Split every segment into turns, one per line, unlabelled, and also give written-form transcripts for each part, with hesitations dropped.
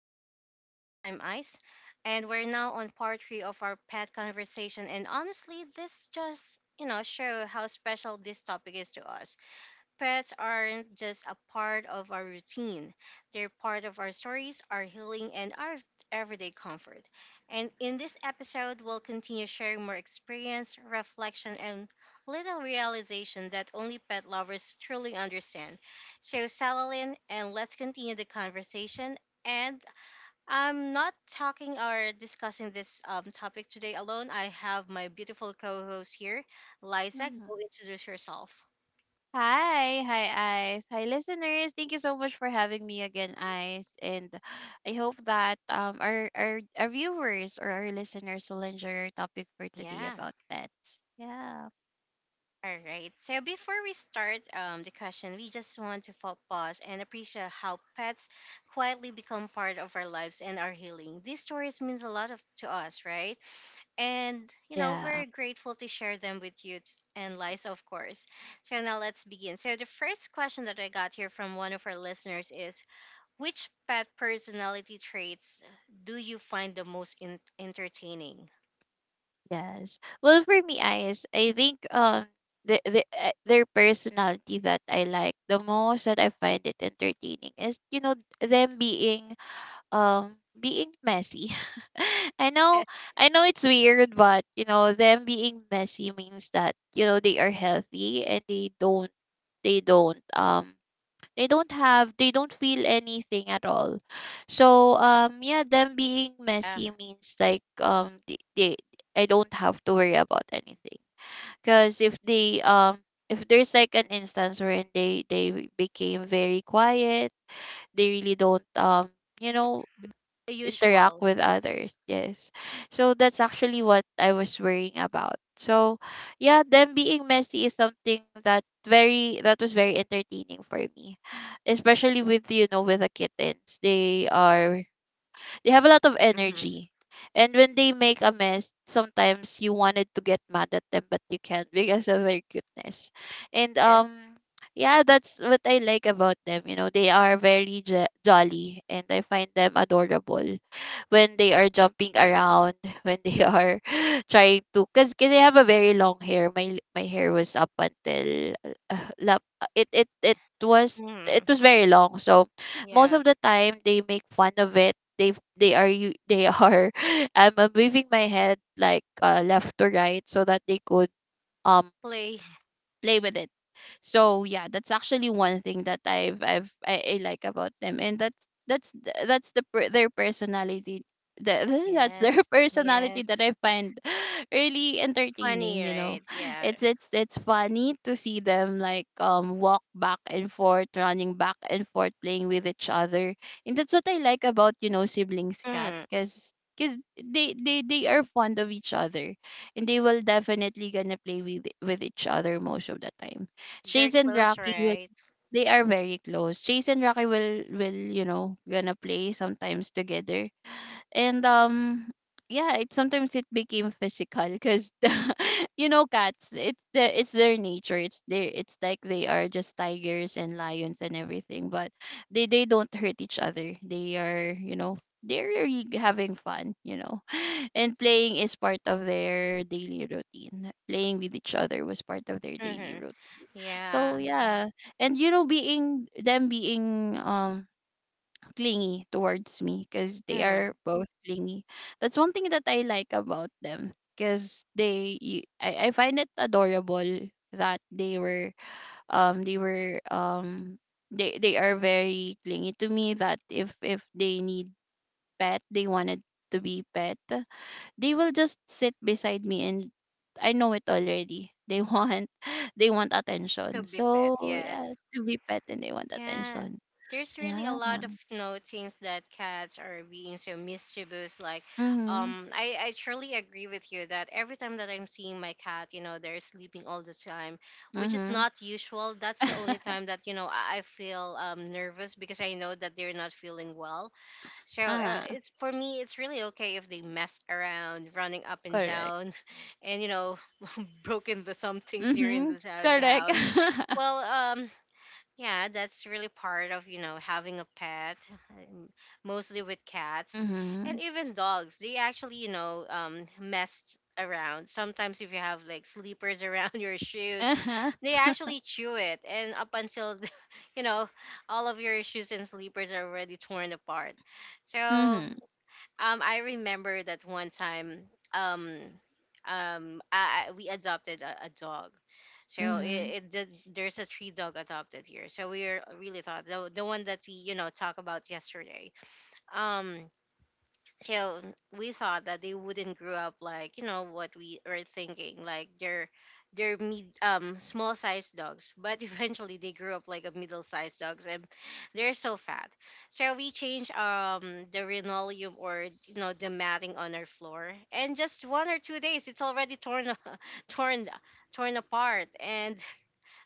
Just Ice Things. I'm Ice, and we're now on part three of our pet conversation. And honestly, this just show how special this topic is to us. Pets aren't just a part of our routine, they're part of our stories, our healing, and our everyday comfort. And in this episode, we'll continue sharing more experience, reflection, and little realization that only pet lovers truly understand. So, settle in and let's continue the conversation. And I'm not talking or discussing this topic today alone. I have my beautiful co host here, Liza.
Mhm.
Go introduce yourself.
Hi, Ice. Hi, listeners. Thank you so much for having me again, Ice. And I hope that our viewers or our listeners will enjoy our topic for today
Yeah.
about pets. Yeah.
All right. So before we start the question, we just want to pause and appreciate how pets quietly become part of our lives and our healing. These stories means a lot of to us, right? And
Yeah.
we're grateful to share them with you and Liza, of course. So now let's begin. So the first question that I got here from one of our listeners is, which pet personality traits do you find the most entertaining?
Yes. Well, for me, Ice, I think the their personality that I like the most that I find it entertaining is them being being messy. I know
Yes.
I know it's weird, but you know, them being messy means that, you know, they are healthy and they don't they don't um they don't have they don't feel anything at all. So yeah, them being
Uh,
messy means like they I don't have to worry about anything. Cause if there's like an instance wherein they became very quiet, they really don't, you know,
the
interact
usual.
with others. Yes. So that's actually what I was worrying about. So yeah, them being messy is something that very that was very entertaining for me. Especially with you know with the kittens. They have a lot of
Hmm.
energy. And when they make a mess, sometimes you wanted to get mad at them, but you can't because of their cuteness. And yeah, that's what I like about them. You know, they are very jolly, and I find them adorable when they are jumping around, when they are trying to, cause I have a very long hair. My hair was up until lap. It it it was it
Yes.
was very long. So most
Yeah.
of the time they make fun of it they are I'm moving my head like left to right so that they could um
Play.
play with it. So yeah, that's actually one thing that I like about them, and that's their personality. The, that's their
Yes.
personality
Yes.
that I find really entertaining.
Funny,
You know,
right? Yeah.
it's funny to see them like walk back and forth, running back and forth, playing with each other, and that's what I like about you know siblings cat,
Mm.
because cause 'cause they are fond of each other and they will definitely gonna play with each other most of the time.
They're
Chase and
close,
Rocky will
right?
they are very close. Chase and Rocky will you know gonna play sometimes together, and yeah it sometimes it became physical because you know cats it's their nature it's like they are just tigers and lions and everything but they don't hurt each other they are you know they're really having fun you know and playing is part of their daily routine, playing with each other was part of their daily
Mm-hmm.
routine. So
Yeah.
yeah. And you know being them being clingy towards me, because they
Mm.
are both clingy. That's one thing that I like about them because I find it adorable that um they were um they are very clingy to me, that if they need pet, they wanted to be pet, they will just sit beside me. And I know it already, they want they want
To
attention.
be pet,
So yeah,
yes.
to be pet and they want
Yeah.
attention.
There's really a
Yeah.
lot of things that cats are being so mischievous. Like,
Mhm.
I truly agree with you that every time that I'm seeing my cat, you know, they're sleeping all the time, which is
Mhm.
not usual. That's the only time that I feel nervous because I know that they're not feeling well. So
Ah,
it's for me, it's really okay if they mess around, running up and
correct.
down, and you know, broken the some things here in
Mhm.
this the
Correct.
house. Well, um, yeah, that's really part of having a pet, um, mostly with cats and
Mhm.
even dogs. They actually messed around. Sometimes if you have like sleepers around your shoes,
Uh-huh.
they actually chew it, and up until you know all of your shoes and sleepers are already torn apart. So
Mhm.
I remember that one time. Um, we adopted a, dog, so
Mhm.
it did, there's a three dog adopted here. So we are really thought the one that we talk about yesterday. Um, so we thought that they wouldn't grow up like what we were thinking like they're mid, small sized dogs but eventually they grew up like a middle sized dogs and they're so fat. So we changed the linoleum or you know the matting on our floor, and just 1 or 2 days it's already torn torn torn apart. And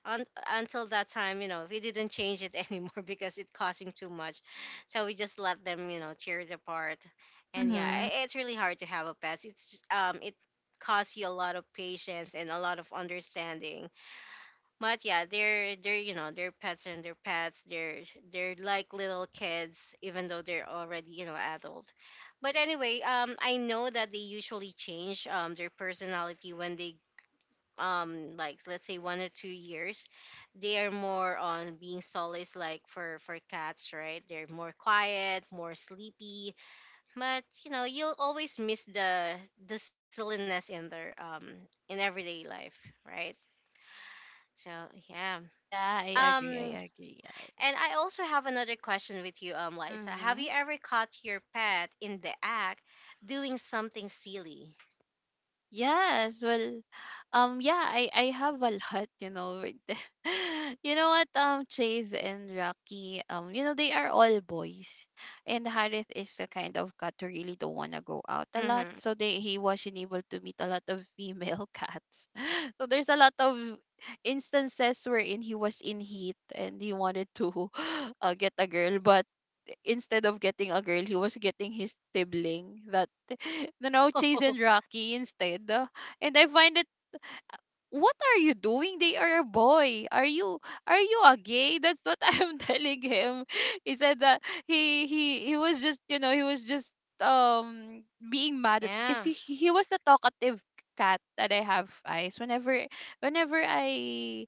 until that time, you know, we didn't change it anymore because it costing too much. So we just let them, you know, tear it apart. And yeah,
Mhm.
it's really hard to have a pet. It's it costs you a lot of patience and a lot of understanding. But yeah, they're they're pets and they're pets. They're like little kids, even though they're already adult. But anyway, I know that they usually change their personality when they like let's say 1 or 2 years, they are more on being solace, like for cats, right? They're more quiet, more sleepy, but you know you'll always miss the silliness in their in everyday life, right? So yeah.
Yeah, I
um
agree. I agree.
and
Yes.
I also have another question with you, Liza. Have you
Mhm.
ever caught your pet in the act doing something silly?
Yes, well, yeah, I have a lot, you know, with the, you know what, Chase and Rocky, you know, they are all boys, and Harith is the kind of cat who really don't wanna go out a lot,
Mm-hmm.
so they he wasn't able to meet a lot of female cats, so there's a lot of instances wherein he was in heat and he wanted to get a girl, but instead of getting a girl, he was getting his sibling that, you know, chasing Rocky instead. And I find it, what are you doing? They are a boy. Are you a gay? That's what I'm telling him. He said that he was just you know he was just um being mad at because
Yeah,
he was the talkative cat that I have eyes, whenever I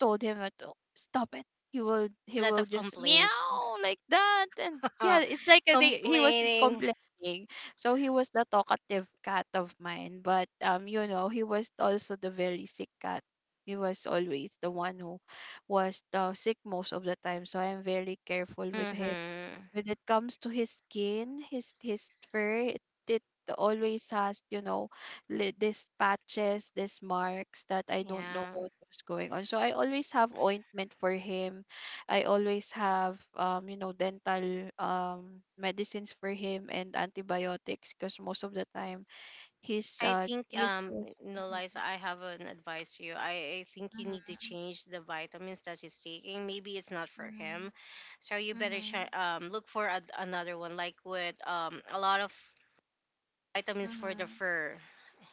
told him that "Oh, stop it."
a
He
lot
will
of
just
complaints.
meow like that. And yeah,
uh,
it's like a, they, he was
complaining.
complaining. So he was the talkative cat of mine, but you know, he was also the very sick cat. He was always the one who was the sick most of the time. So I'm very careful with him
Mm-hmm.
when it comes to his skin, his fur, it always has, you know, these patches, these marks that I don't know
Yeah.
what was going on. So I always have ointment for him. I always have, you know, dental medicines for him and antibiotics because most of the time his
I think
teeth was.
no lies,
Mhm,
I have an advice to you. I think you need to
mhm,
change the vitamins that he's taking. Maybe it's not for him.
mhm,
So you better
mhm,
look for another one, like with a lot of vitamins for the
mhm.
fur.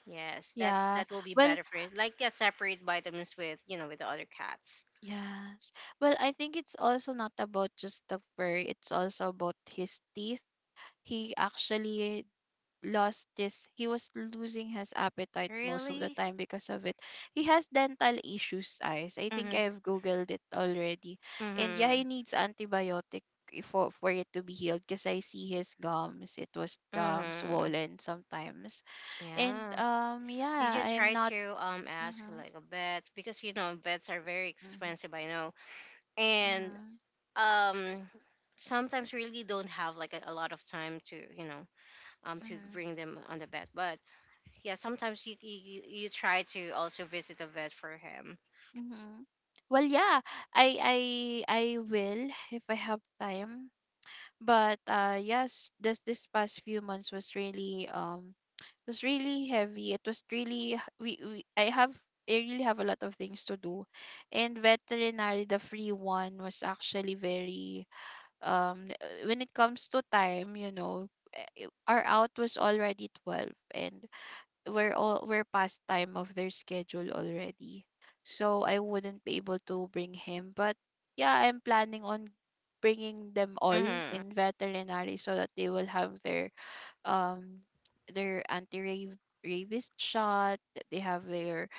Yes, that
Yeah.
that will be
Well,
better for it. Like yeah, separate vitamins with, you know, with the other cats.
yes. Well, I think it's also not about just the fur, it's also about his teeth. He actually lost this he was losing his appetite most of the
Really?
time because of it. He has dental issues, eyes. I think
Mhm.
I've googled it already. And yeah, he
Mhm.
needs antibiotic for it to be healed, because I see his gums, it was
Mhm.
swollen sometimes. And
Yeah. Did
yeah,
you
I am
try
not.
to ask
Mm-hmm,
like a vet, because you know vets are very
mm-hmm,
expensive, I know, and
mm-hmm,
um sometimes really don't have like a lot of time to to
mm-hmm.
bring them on the vet, but yeah sometimes you try to also visit a vet for him.
Mhm. Well, yeah, I I will if I have time. But yes, this past few months was really heavy. It was really h- we I have I really have a lot of things to do. And veterinary, the free one was actually very when it comes to time, you know, our out was already 12, and we're all we're past time of their schedule already. So I wouldn't be able to bring him, but yeah, I'm planning on bringing them all
Mm-hmm.
in veterinary so that they will have um their anti rabies shot. That They have their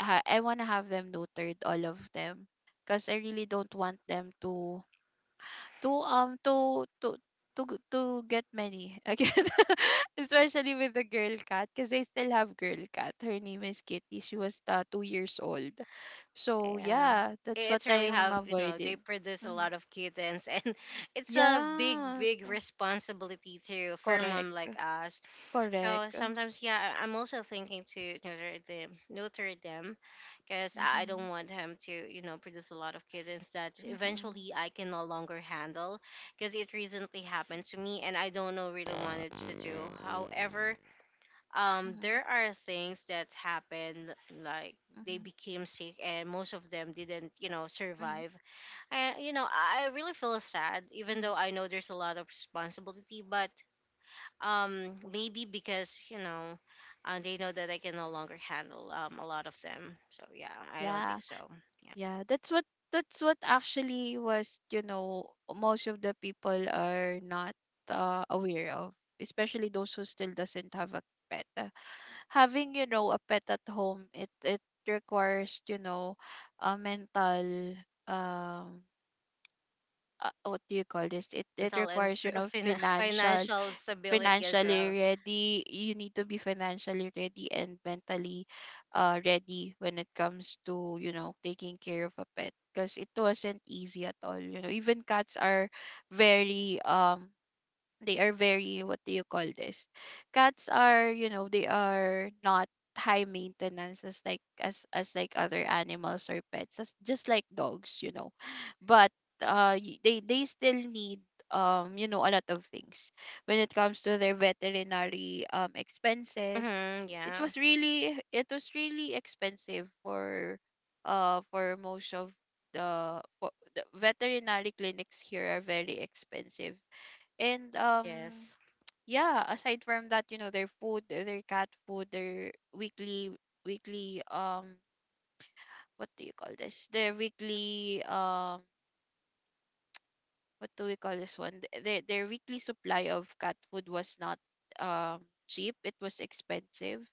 I want to have them neutered, all of them, because I really don't want them to to um to to to get many again. Especially with the girl cat, because I still have girl cat, her name is Kitty, she was 2 years old. So
Yeah,
yeah, that's what
it's really
I am
have you know, they
avoiding.
produce a lot
Mm-hmm.
of kittens, and it's a big
Yeah
big
so-
responsibility too for mom
correct
like us. So
correct.
sometimes, yeah, I'm also thinking to neuter them, because I
Mm-hmm.
don't want him to, you know, produce a lot of kittens that
Mm-hmm.
eventually I can no longer handle, because it recently
Mm-hmm.
happened to me, and I don't know really wanted
Mm-hmm.
to do. However, there are things
Mm-hmm.
that happened, like they became sick, and most of them didn't, you know, survive. And you know, I really feel sad,
Mm-hmm.
even though I know there's a lot of responsibility, but maybe because you know, they know that I can no longer handle a lot of them. So yeah, I don't
Yeah.
think so. Yeah,
Yeah, that's what actually was, you know, most of the people are not aware of, especially those who still doesn't have a pet. Having, you know, a pet at home, it requires, you know, a mental um what do you call this? It
mental and
requires, you know,
financial stability as
financially
well.
ready. You need to be financially ready and mentally ready when it comes to, you know, taking care of a pet because it wasn't easy at all. You know, even cats are very they are very what do you call this, cats are you know they are not high maintenance as like as other animals or pets as just like dogs, you know. But they still need you know a lot of things when it comes to their veterinary expenses.
Mm-hmm,
It
yeah.
was really it was really expensive for most of the, for, the veterinary clinics here are very expensive. And
Yes.
yeah, aside from that, you know, their food, their cat food, their weekly weekly um what do you call this? Their weekly what do we call this one? Their weekly supply of cat food was not cheap. It was expensive.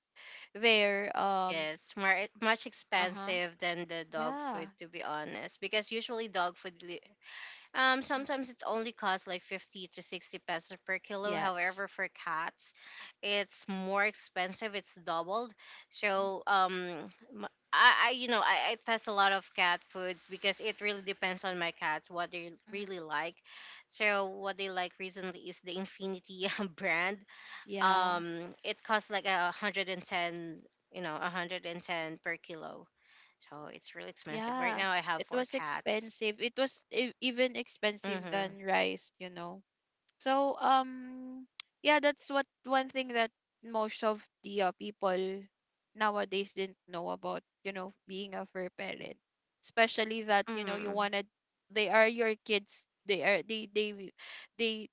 Their um.
Yes. More much
Uh-huh.
expensive than the dog food,
Yeah.
to be honest, because usually dog food
Mm,
sometimes it only costs like 50 to 60 pesos per kilo.
yes.
However, for cats, it's more expensive. It's doubled.
Mhm,
So, m- I you know, I test a lot of cat foods because it really depends on my cats, what they
mhm.
really like. So, what they like recently is the Infinity brand.
Yeah.
It costs like a 110, you know, 110 per kilo. So, it's really expensive. Right
Yeah.
now, I have
It
four
was
cats.
expensive. It was even expensive
Mm-hmm.
than rice, you know. So yeah, that's what one thing that most of the people nowadays didn't know about, you know, being a fur parent. Especially that, you know, you
Mm-hmm.
wanted they are your kids. They are they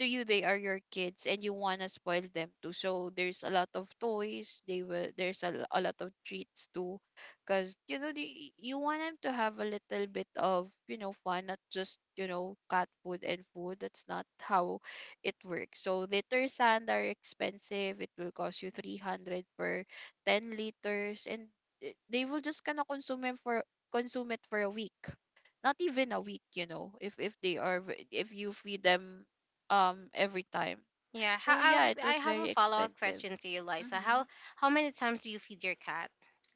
to you they are your kids and you want to spoil them too. So there's a lot of toys, they will there's a lot of treats too, because you know the you want them to have a little bit of you know fun, not just you know cat food and food, that's not how it works. So liter sand are expensive, it will cost you 300 per 10 liters. And they will just kind of consume it for a week, not even a week, you know, if they are if you feed them every time.
Yeah,
So
how,
yeah, it
I
was
have a
very
follow-up
expensive.
question to you, Liza.
Mm-hmm.
How many times do you feed your cat?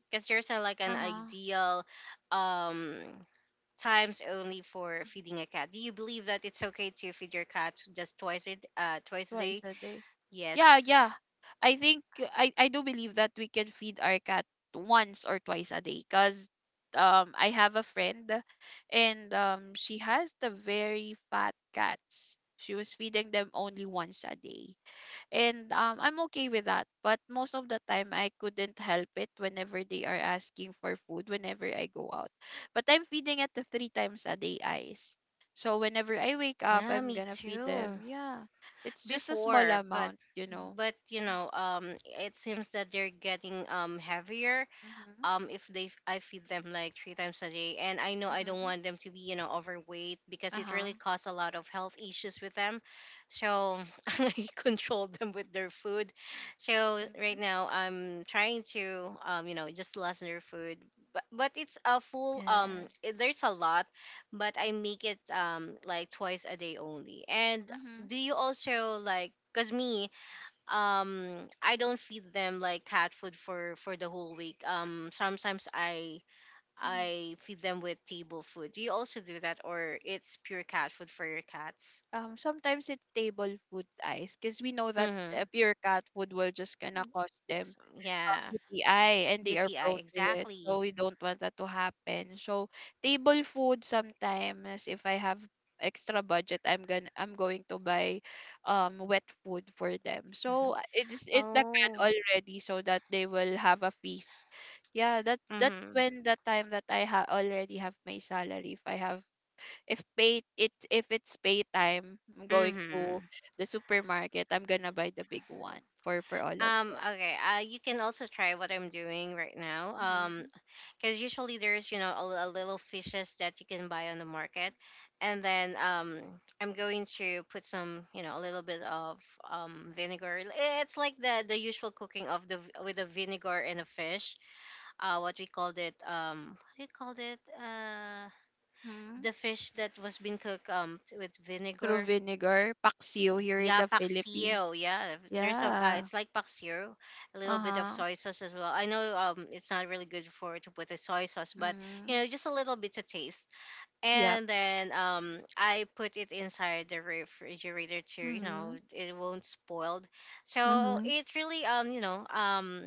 Because there's like an
Uh-huh.
ideal um times only for feeding a cat. Do you believe that it's okay to feed your cat just twice twice a
Twice
day?
a day. Yeah,
Yes.
yeah. I think I do believe that we can feed our cat once or twice a day cuz I have a friend, and she has the very fat cats. She was feeding them only once a day. And I'm okay with that. But most of the time, I couldn't help it whenever they are asking for food, whenever I go out. But I'm feeding at the 3 times a day eyes. So whenever I wake up,
Yeah,
I'm
me
gonna feed
too.
them. Yeah, it's just a small
Before,
amount.
but you
Mm.
know, it seems that they're getting heavier.
Mm-hmm.
If they I feed them like three times a day, and I know I don't
Mm-hmm.
want them to be you know overweight because it
Uh-huh.
really causes a lot of health issues with them. So I control them with their food. So
Mm-hmm.
right now I'm trying to you know just lessen their food, but it's a full it,
Yes.
there's a lot, but I make it like twice a day only. And
Mm-hmm.
do you also like because me I don't feed them like cat food for the whole week. Sometimes
Mm-hmm.
I feed them with table food. Do you also do that or it's pure cat food for your cats?
Sometimes it's table food ice because we know that
Mhm.
pure cat food will just gonna cost them
So, yeah.
UTI, and they are
UTI
prone to it.
exactly.
So we don't want that to happen. So table food sometimes, if I have extra budget, I'm going to buy wet food for them.
Mhm.
So it's the can
Oh.
already so that they will have a feast. Yeah, that's
Mhm.
when the time that already have my salary, if I have, if it's pay time, I'm going to
Mhm.
the supermarket. I'm gonna buy the big one for all of them.
Okay, you can also try what I'm doing right now.
Mhm.
Because usually there's you know a little fishes that you can buy on the market. And then I'm going to put some you know a little bit of vinegar. It's like the usual cooking of the with the vinegar and the fish. What we called it, what do you called it,
Mhm.
the fish that was being cooked with vinegar.
Through vinegar, paksiw
Yeah,
here in
yeah,
the Philippines.
paksiw. Yeah, there's a.
Yeah.
It's like paksiw, a little bit of
Uh-huh.
soy sauce as well. I know it's not really good for to put the soy sauce, but
Mm-hmm.
you know, just a little bit to taste.
Yep.
And then I put it inside the refrigerator to you know
Mm-hmm.
it won't spoiled. So
Mm-hmm.
it really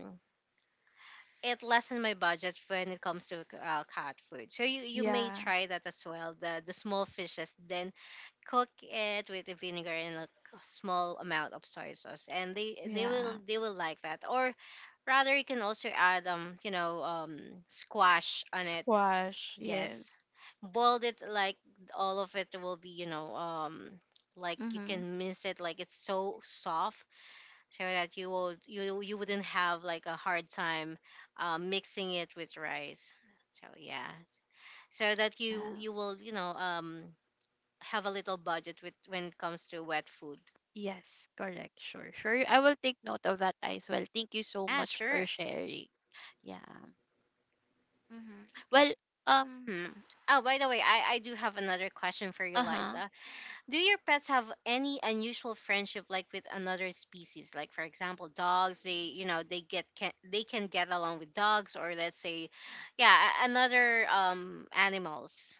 it lessens my budget when it comes to cat food. So you may
Yeah.
try that as well. The small fishes, the cook it with the vinegar and a small amount of soy sauce, and
Yeah.
they will like that. Or rather you can also add squash on it.
Squash, yes.
Yes, boiled it like all of it will be like you
Mm-hmm.
can mince it like it's so soft, so that you will you you wouldn't have like a hard time mixing it with rice. So yeah, so that you
Yeah.
you will have a little budget with when it comes to wet food.
Yes, correct. Sure, sure. I will take note of that as well. Thank you so
Ah,
much for
sure.
sharing. Yeah. Mm-hmm. Well, um,
Hmm. Oh, by the way, I do have another question for you,
uh-huh.
Liza. Do your pets have any unusual friendship like with another species? Like for example, dogs, they you know, they get can they can get along with dogs, or let's say yeah, another animals.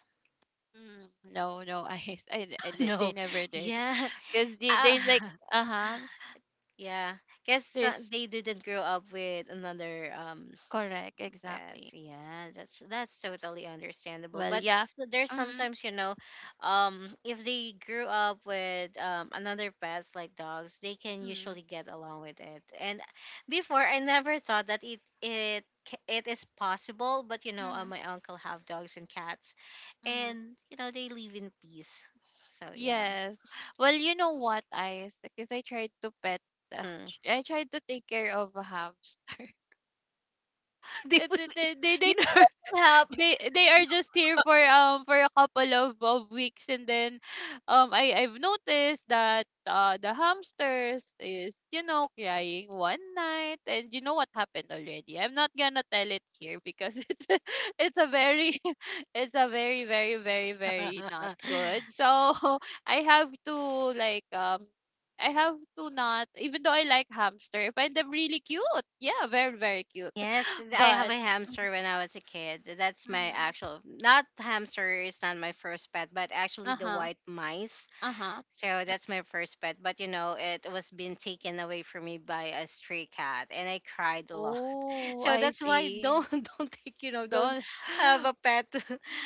Hmm, no, no, I, I they
No.
never did,
Yeah.
because
Uh,
there's like, uh-huh,
yeah. Guess
there's
they didn't grow up with another
correct,
Yes,
exactly.
yeah, that's totally understandable.
Well,
But
yeah.
there's
Mm.
sometimes, if they grew up with another pets like dogs, they can
Mm.
usually get along with it. And before, I never thought that it is possible. But
Mm.
my uncle have dogs and cats,
Hmm.
and you know they live in peace. So yeah.
Yes. Well, you know what, Ice? Because the-
Mm.
I tried to take care of a hamster.
They
Eh,
will, you will help.
They are just here for a couple of weeks, and then I've noticed that the hamsters is, you know, crying one night, and you know what happened already. I'm not gonna tell it here because it's a very it's a very very very very not good. So I have to like I have to, not even though I like hamster, I find them really cute. Yeah, very very cute.
Yes, and I have
But
a
Mhm.
hamster when I was a kid. That's my
Mhm.
actual, not hamster is not my first pet, but actually the
Uh-huh.
white mice.
Uh-huh.
So that's my first pet. But you know, it was being taken away from me by a stray cat, and I cried a lot.
Oh,
So
I
that's why
see.
don't don't take don't
Don't
have a pet.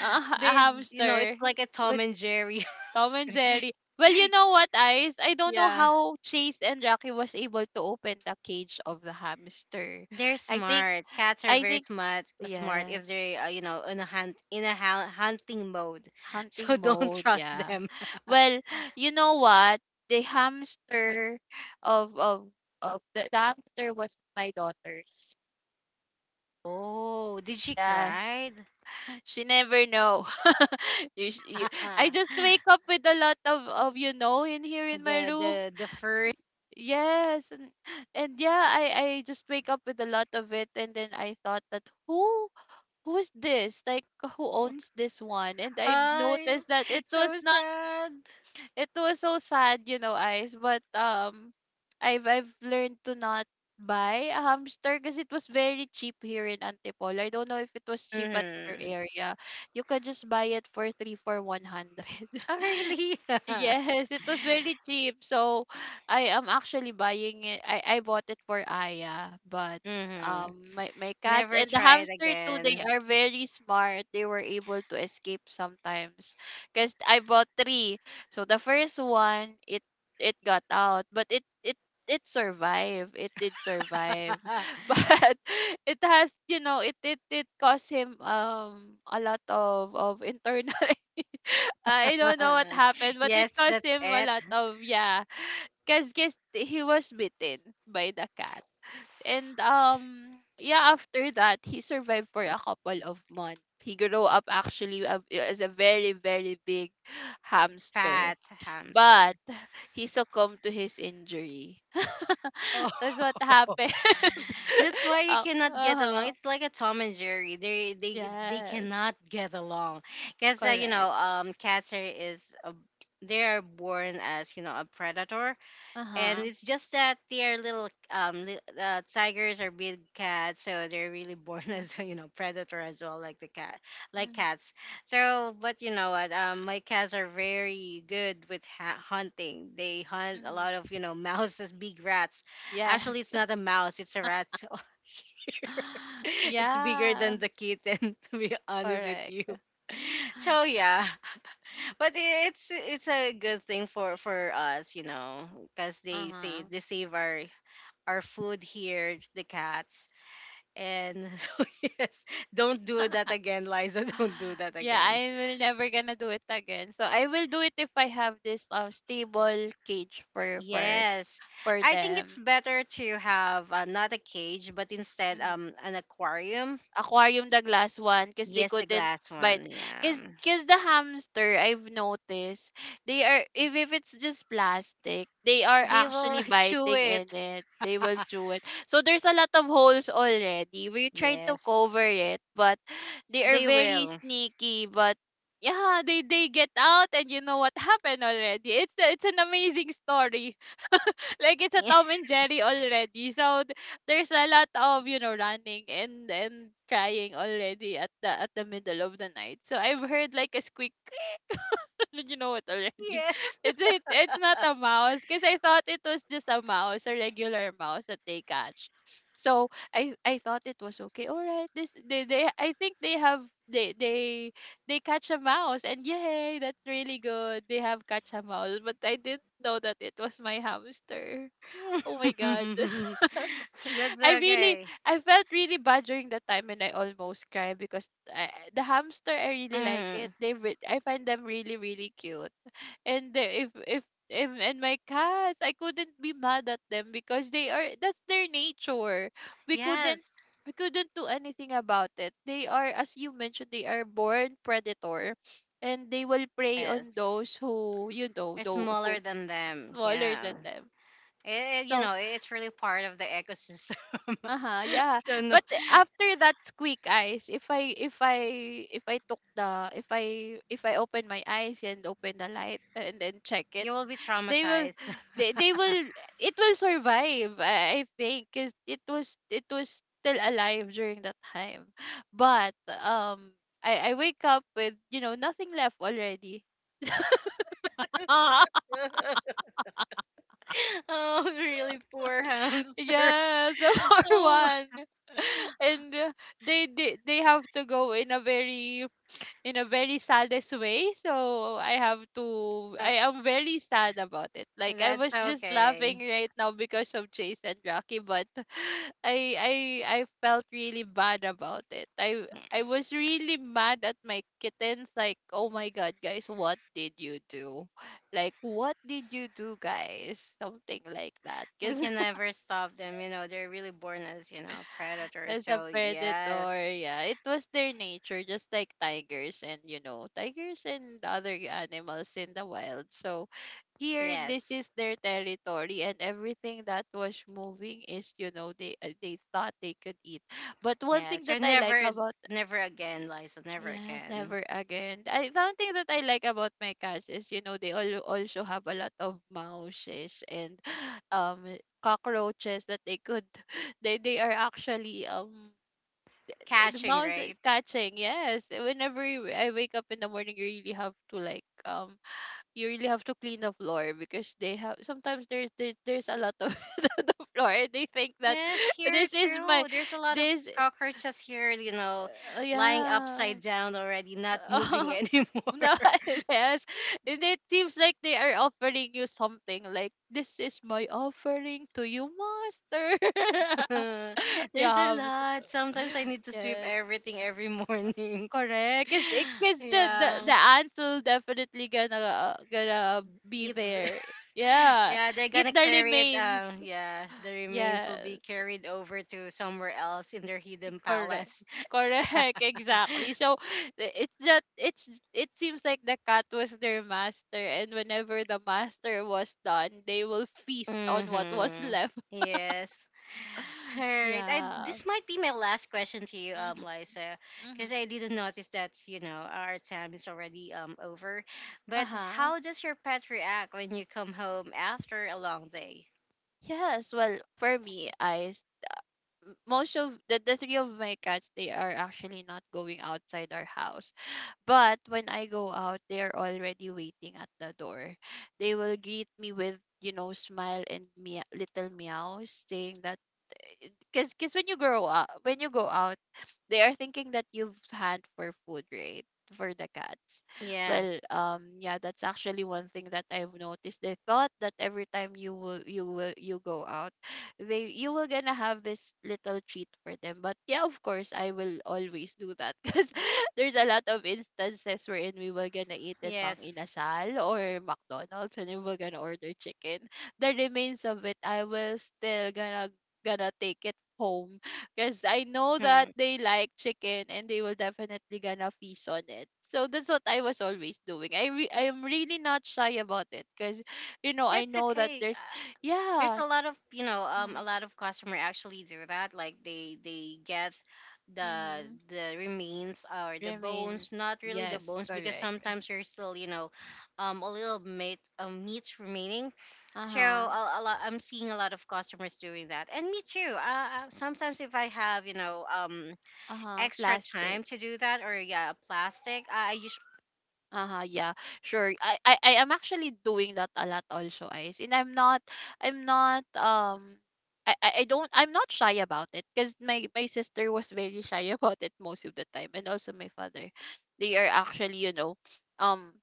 a
They, you know,
hamster
it's like a Tom
with
and Jerry.
Tom and Jerry. Well, you know what, Ice? I don't know
Yeah.
how Chase and Rocky was able to open the cage of the hamster.
They're
I think,
smart. Cats are
I
very
think,
smart. Smart
yes,
if they're you know, in a hunting mode,
hunting
so don't
mode.
trust
Yeah.
them.
Well, you know what? The hamster of of of the hamster was my daughter's.
Oh, did
So
she
yeah,
cry?
she never know. you, sh- you, I just wake up with a lot of, you know, in here in my
the
room.
the first
Yes, and yeah, I just wake up with a lot of it, and then I thought that who is this? Like, who owns this one? And I've
hi,
noticed that
so sad.
it was so sad, you know, eyes. But I've learned to not buy a hamster because it was very cheap here in Antipolo. I don't know if it was cheap at your
Mm-hmm.
area. You could just buy it for three for 100.
Oh really?
Yes, it was very cheap. So I am actually buying it. I bought it for Aya, but
Mm-hmm.
my cats
Never
and the
try it
hamster too, they
again.
are very smart. They were able to escape sometimes because I bought three. So the first one, it got out, but it survived. It did survive. But it has, you know, it caused him a lot of internal. I don't know what happened, but it
Yes,
caused
that's
him a
it.
lot of, yeah, cause guess he was bitten by the cat, and yeah, after that he survived for a couple of months. He grew up actually as a very very big hamster,
Fat hamster.
but he succumbed to his injury.
Oh.
That's what happened.
That's why you
Uh
cannot get along.
huh.
It's like a Tom and Jerry. They
Yes,
cannot get along because you
correct.
know, cats are is a, they are born as you know a predator,
Uh
and
huh.
it's just that they are little tigers are big cats, so they're really born as you
Mm-hmm.
know predator as well, like the cat, like cats. So but you know what, my cats are very good with hunting. They hunt a
Hmm.
lot of, you know, mouses, big rats.
Yes.
Actually it's not a mouse, it's a rat, so it's bigger
Yeah,
than the kitten. To be honest with you,
correct.
so yeah, but it's a good thing for us, you know, because they say
Uh-huh.
they save our food here, the cats, and so yes, don't do that again, Liza. Don't do that
Yeah,
again.
I will never gonna do it again. So I will do it if I have this stable cage for
Yes,
for
I think it's
them.
better to have not a cage, but instead
Mm-hmm.
an aquarium.
Aquarium, the glass one because they
Yes, the
couldn't
glass
bite,
one.
because
Yeah,
the hamster, I've noticed, they are, if it's just plastic, they are
they will
actually
chew
biting in
it.
it, they will chew it, so there's a lot of holes already. We tried to
Yes,
cover it, but they are
they
very
will.
sneaky. But yeah, they get out, and you know what happened already. It's an amazing story. Like it's a Tom and Jerry already. So there's a lot of, you know, running and crying already at the middle of the night. So I've heard like a squeak. You know it already.
Yes.
It's not a mouse because I thought it was just a mouse, a regular mouse that they catch. So I thought it was okay. All right, this they I think they catch a mouse, and yay, that's really good. They have catch a mouse, but I didn't know that it was my hamster. Oh my god.
That's
I really
okay.
I felt really bad during that time and I almost cried because I, the hamster I really like
Hmm.
it. I find them really really cute. And the, if and my cats, I couldn't be mad at them because they are that's their nature. We couldn't
Yes,
we couldn't do anything about it. They are, as you mentioned, they are born predator, and they will prey on
yes.
those who, you know,
They are
though
smaller
who
than them.
smaller
Yeah.
than them.
It, you
So,
know, it's really part of the ecosystem.
uh-huh, yeah.
So no,
But after that squeak eyes, if I took the, if I open my eyes and open the light and then check it,
you will be
they will
traumatized.
they will it will survive. I think cuz it was still alive during that time. But I wake up with, you know, nothing left already.
Oh, really poor hamster.
Yes, the poor
Oh,
one. And they have to go in a very, saddest way. So I have to
uh,
I am very sad about it. Like I
that's
was just laughing
okay.
right now because of Chase and Rocky, but I I I felt really bad about it. I was really mad at my kittens like, "Oh my god, guys, what did you do?" Like, "What did you do, guys?" Something like that.
We
Cuz
can never stop them. You know, they're really born as, you know, predators.
as a
So
predator,
yes,
yeah. It was their nature, just like tigers and, you know, tigers and other animals in the wild. So here, this
yes.
is their territory, and everything that was moving is, you know, they thought they could eat. But one
Yeah,
thing
so
that I like
never,
about,
never again, Liza, never
yes,
again.
never again. I One thing that I like about my cats is, you know, they all also have a lot of mouses and um cockroaches that they could they are actually eh, the
Catching,
mouse is
right?
like, catching. Yes, eh, I wake up in the morning, you really have to like you really have to clean the floor because they have sometimes there's a lot of the floor. And they think that
Yes, here
this is my,
too. There's a lot of
this
cockroaches here, you know, lying
yeah.
upside down already, not moving anymore.
No. Yes, and it seems like they are offering you something like this is my offering to you, master. You
There's a
have,
lot. Sometimes I need to sweep
yes.
everything every morning.
Correct, cause
Yeah,
the ants will definitely gonna gonna be
eat.
there. Yeah,
Yeah, they're gonna
eat the
carry it.
remains.
Yeah, the remains will be
Yes,
carried over to somewhere else in their hidden
correct,
palace.
correct, exactly. So I- it's just it's it seems like the cat was their master, and whenever the master was done, they will feast on what was
Mm-hmm.
left.
Yes. Alright, I
Yeah.
this might be my last question to you,
Mhm.
Liza, because
Mhm.
I didn't notice that you know our time is already over.
Uh
But
huh.
how does your pet react when you come home after a long day?
Yes. Well, for me, most of the three of my cats, they are actually not going outside our house, but when I go out, they are already waiting at the door. They will greet me with, you know, smile and little meows, saying that because when you grow up, when you go out, they are thinking that you've had for food, right? For the cats.
Yeah.
Well, yeah, that's actually one thing that I've noticed. They thought that every time you go out, they you will gonna have this little treat for them. But yeah, of course, I will always do that because there's a lot of instances wherein we were gonna eat in Mang
Yes.
Inasal or McDonald's and we were gonna order chicken. The remains of it, I will still gonna take it home because I know that
Hmm.
they like chicken, and they will definitely gonna feast on it. So that's what I was always doing. I am really not shy about it because, you know, I
It's
know that
okay.
there's,
There's
yeah.
a lot of, you know, a
Mm.
lot of customer actually do that. Like they get
Mm-hmm.
the remains or the bones,
Remains.
not really the
Yes,
bones, because
correct.
sometimes you're still you know a little meat, meat remaining.
Uh
So
huh.
a lot, I'm seeing a lot of customers doing that, and me too. Sometimes if I have, you know,
Uh huh.
extra time to do
Plastics.
that, or yeah, plastic, I usually,
Uh-huh, yeah, sure. I am actually doing that a lot also, Ice. And I'm not um I'm not shy about it because my sister was very shy about it most of the time, and also my father. They are actually, you know, um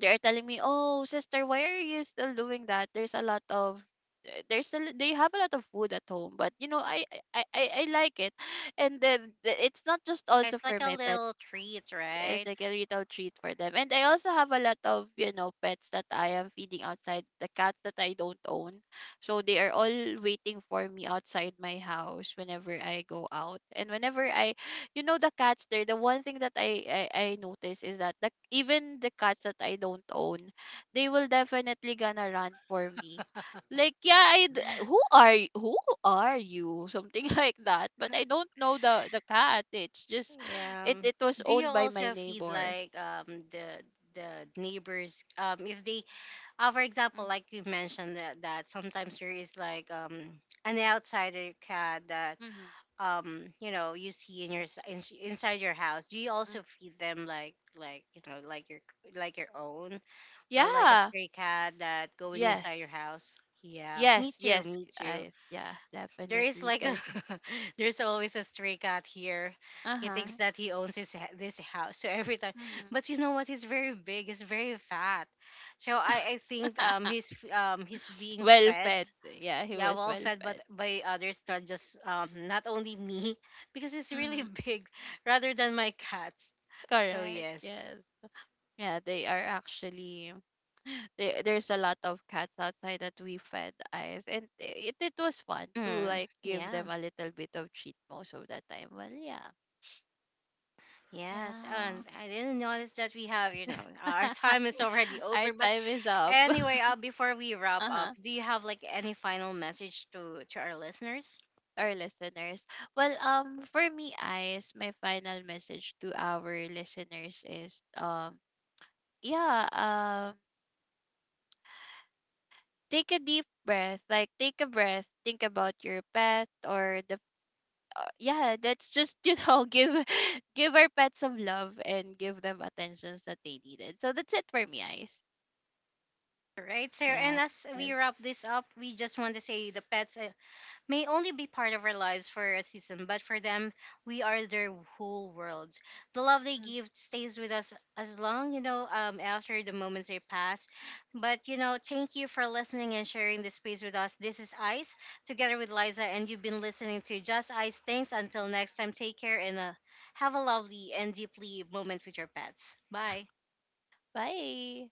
they are telling me, "Oh sister, why are you still doing that? There's a lot of, there's a, they have a lot of food at home." But you know, I like it, and then it's not just also
it's
for
like a
my pets,
little treat,
it's
right?
like a little treat for them. And I also have a lot of, you know, pets that I am feeding outside, the cats that I don't own. So they are all waiting for me outside my house whenever I go out. And whenever I, you know, the cats there, the one thing that I notice is that the, even the cats that I don't own, they will definitely gonna run for me. Like, yeah, who are, who are you? Something like that. But I don't know the cat. It's just,
Yeah.
it was
Do you
owned by my
also feed
neighbor.
like the neighbors, if they for example,
Mhm.
like you mentioned that sometimes there is like an outsider cat that
Mhm.
you know you see in your inside your house, do you
Mhm.
also feed them like, you know, like your own, or like a
Yeah.
stray cat that going inside your
Yes.
house? Yeah, me
Yes.
too,
Yes.
me too.
I Yeah,
There is
definitely,
like a
cuz
there's always a stray cat here. He thinks
uh-huh.
that he owns this house, so every time,
Mhm.
but you know what, he's very big, he's very fat, so I think he's he's being
Well
fed.
fed. Yeah, he
Yeah,
was
well
well
fed,
fed.
but by others, not just not only me, because it's really
Mhm.
big, rather than my cats. So
Correct.
yes,
Yes. Yeah, they are actually there's a lot of cats outside that we fed eyes, and it was fun to
mm,
like give them
yeah.
a little bit of treat most of the time. Well, yeah.
Yes,
Yeah.
and I didn't notice that we have, you know, our time is already
Our
over. But
time is up.
anyway, before we wrap up,
Uh-huh.
do you have like any final message to our listeners?
Our listeners, well for me eyes, my final message to our listeners is, yeah, take a deep breath, like take a breath, think about your pet or the yeah, that's just, you know, give our pets some love and give them attentions that they needed. So that's it for me eyes.
Right. So,
Yes.
and as we wrap this up, we just want to say the pets may only be part of our lives for a season, but for them, we are their whole world. The love they
Mm.
give stays with us as long, you know, after the moments they pass. But, you know, thank you for listening and sharing this space with us. This is Ice, together with Liza, and you've been listening to Just Ice. Thanks. Until next time, take care and have a lovely and deeply moment with your pets. Bye.
Bye.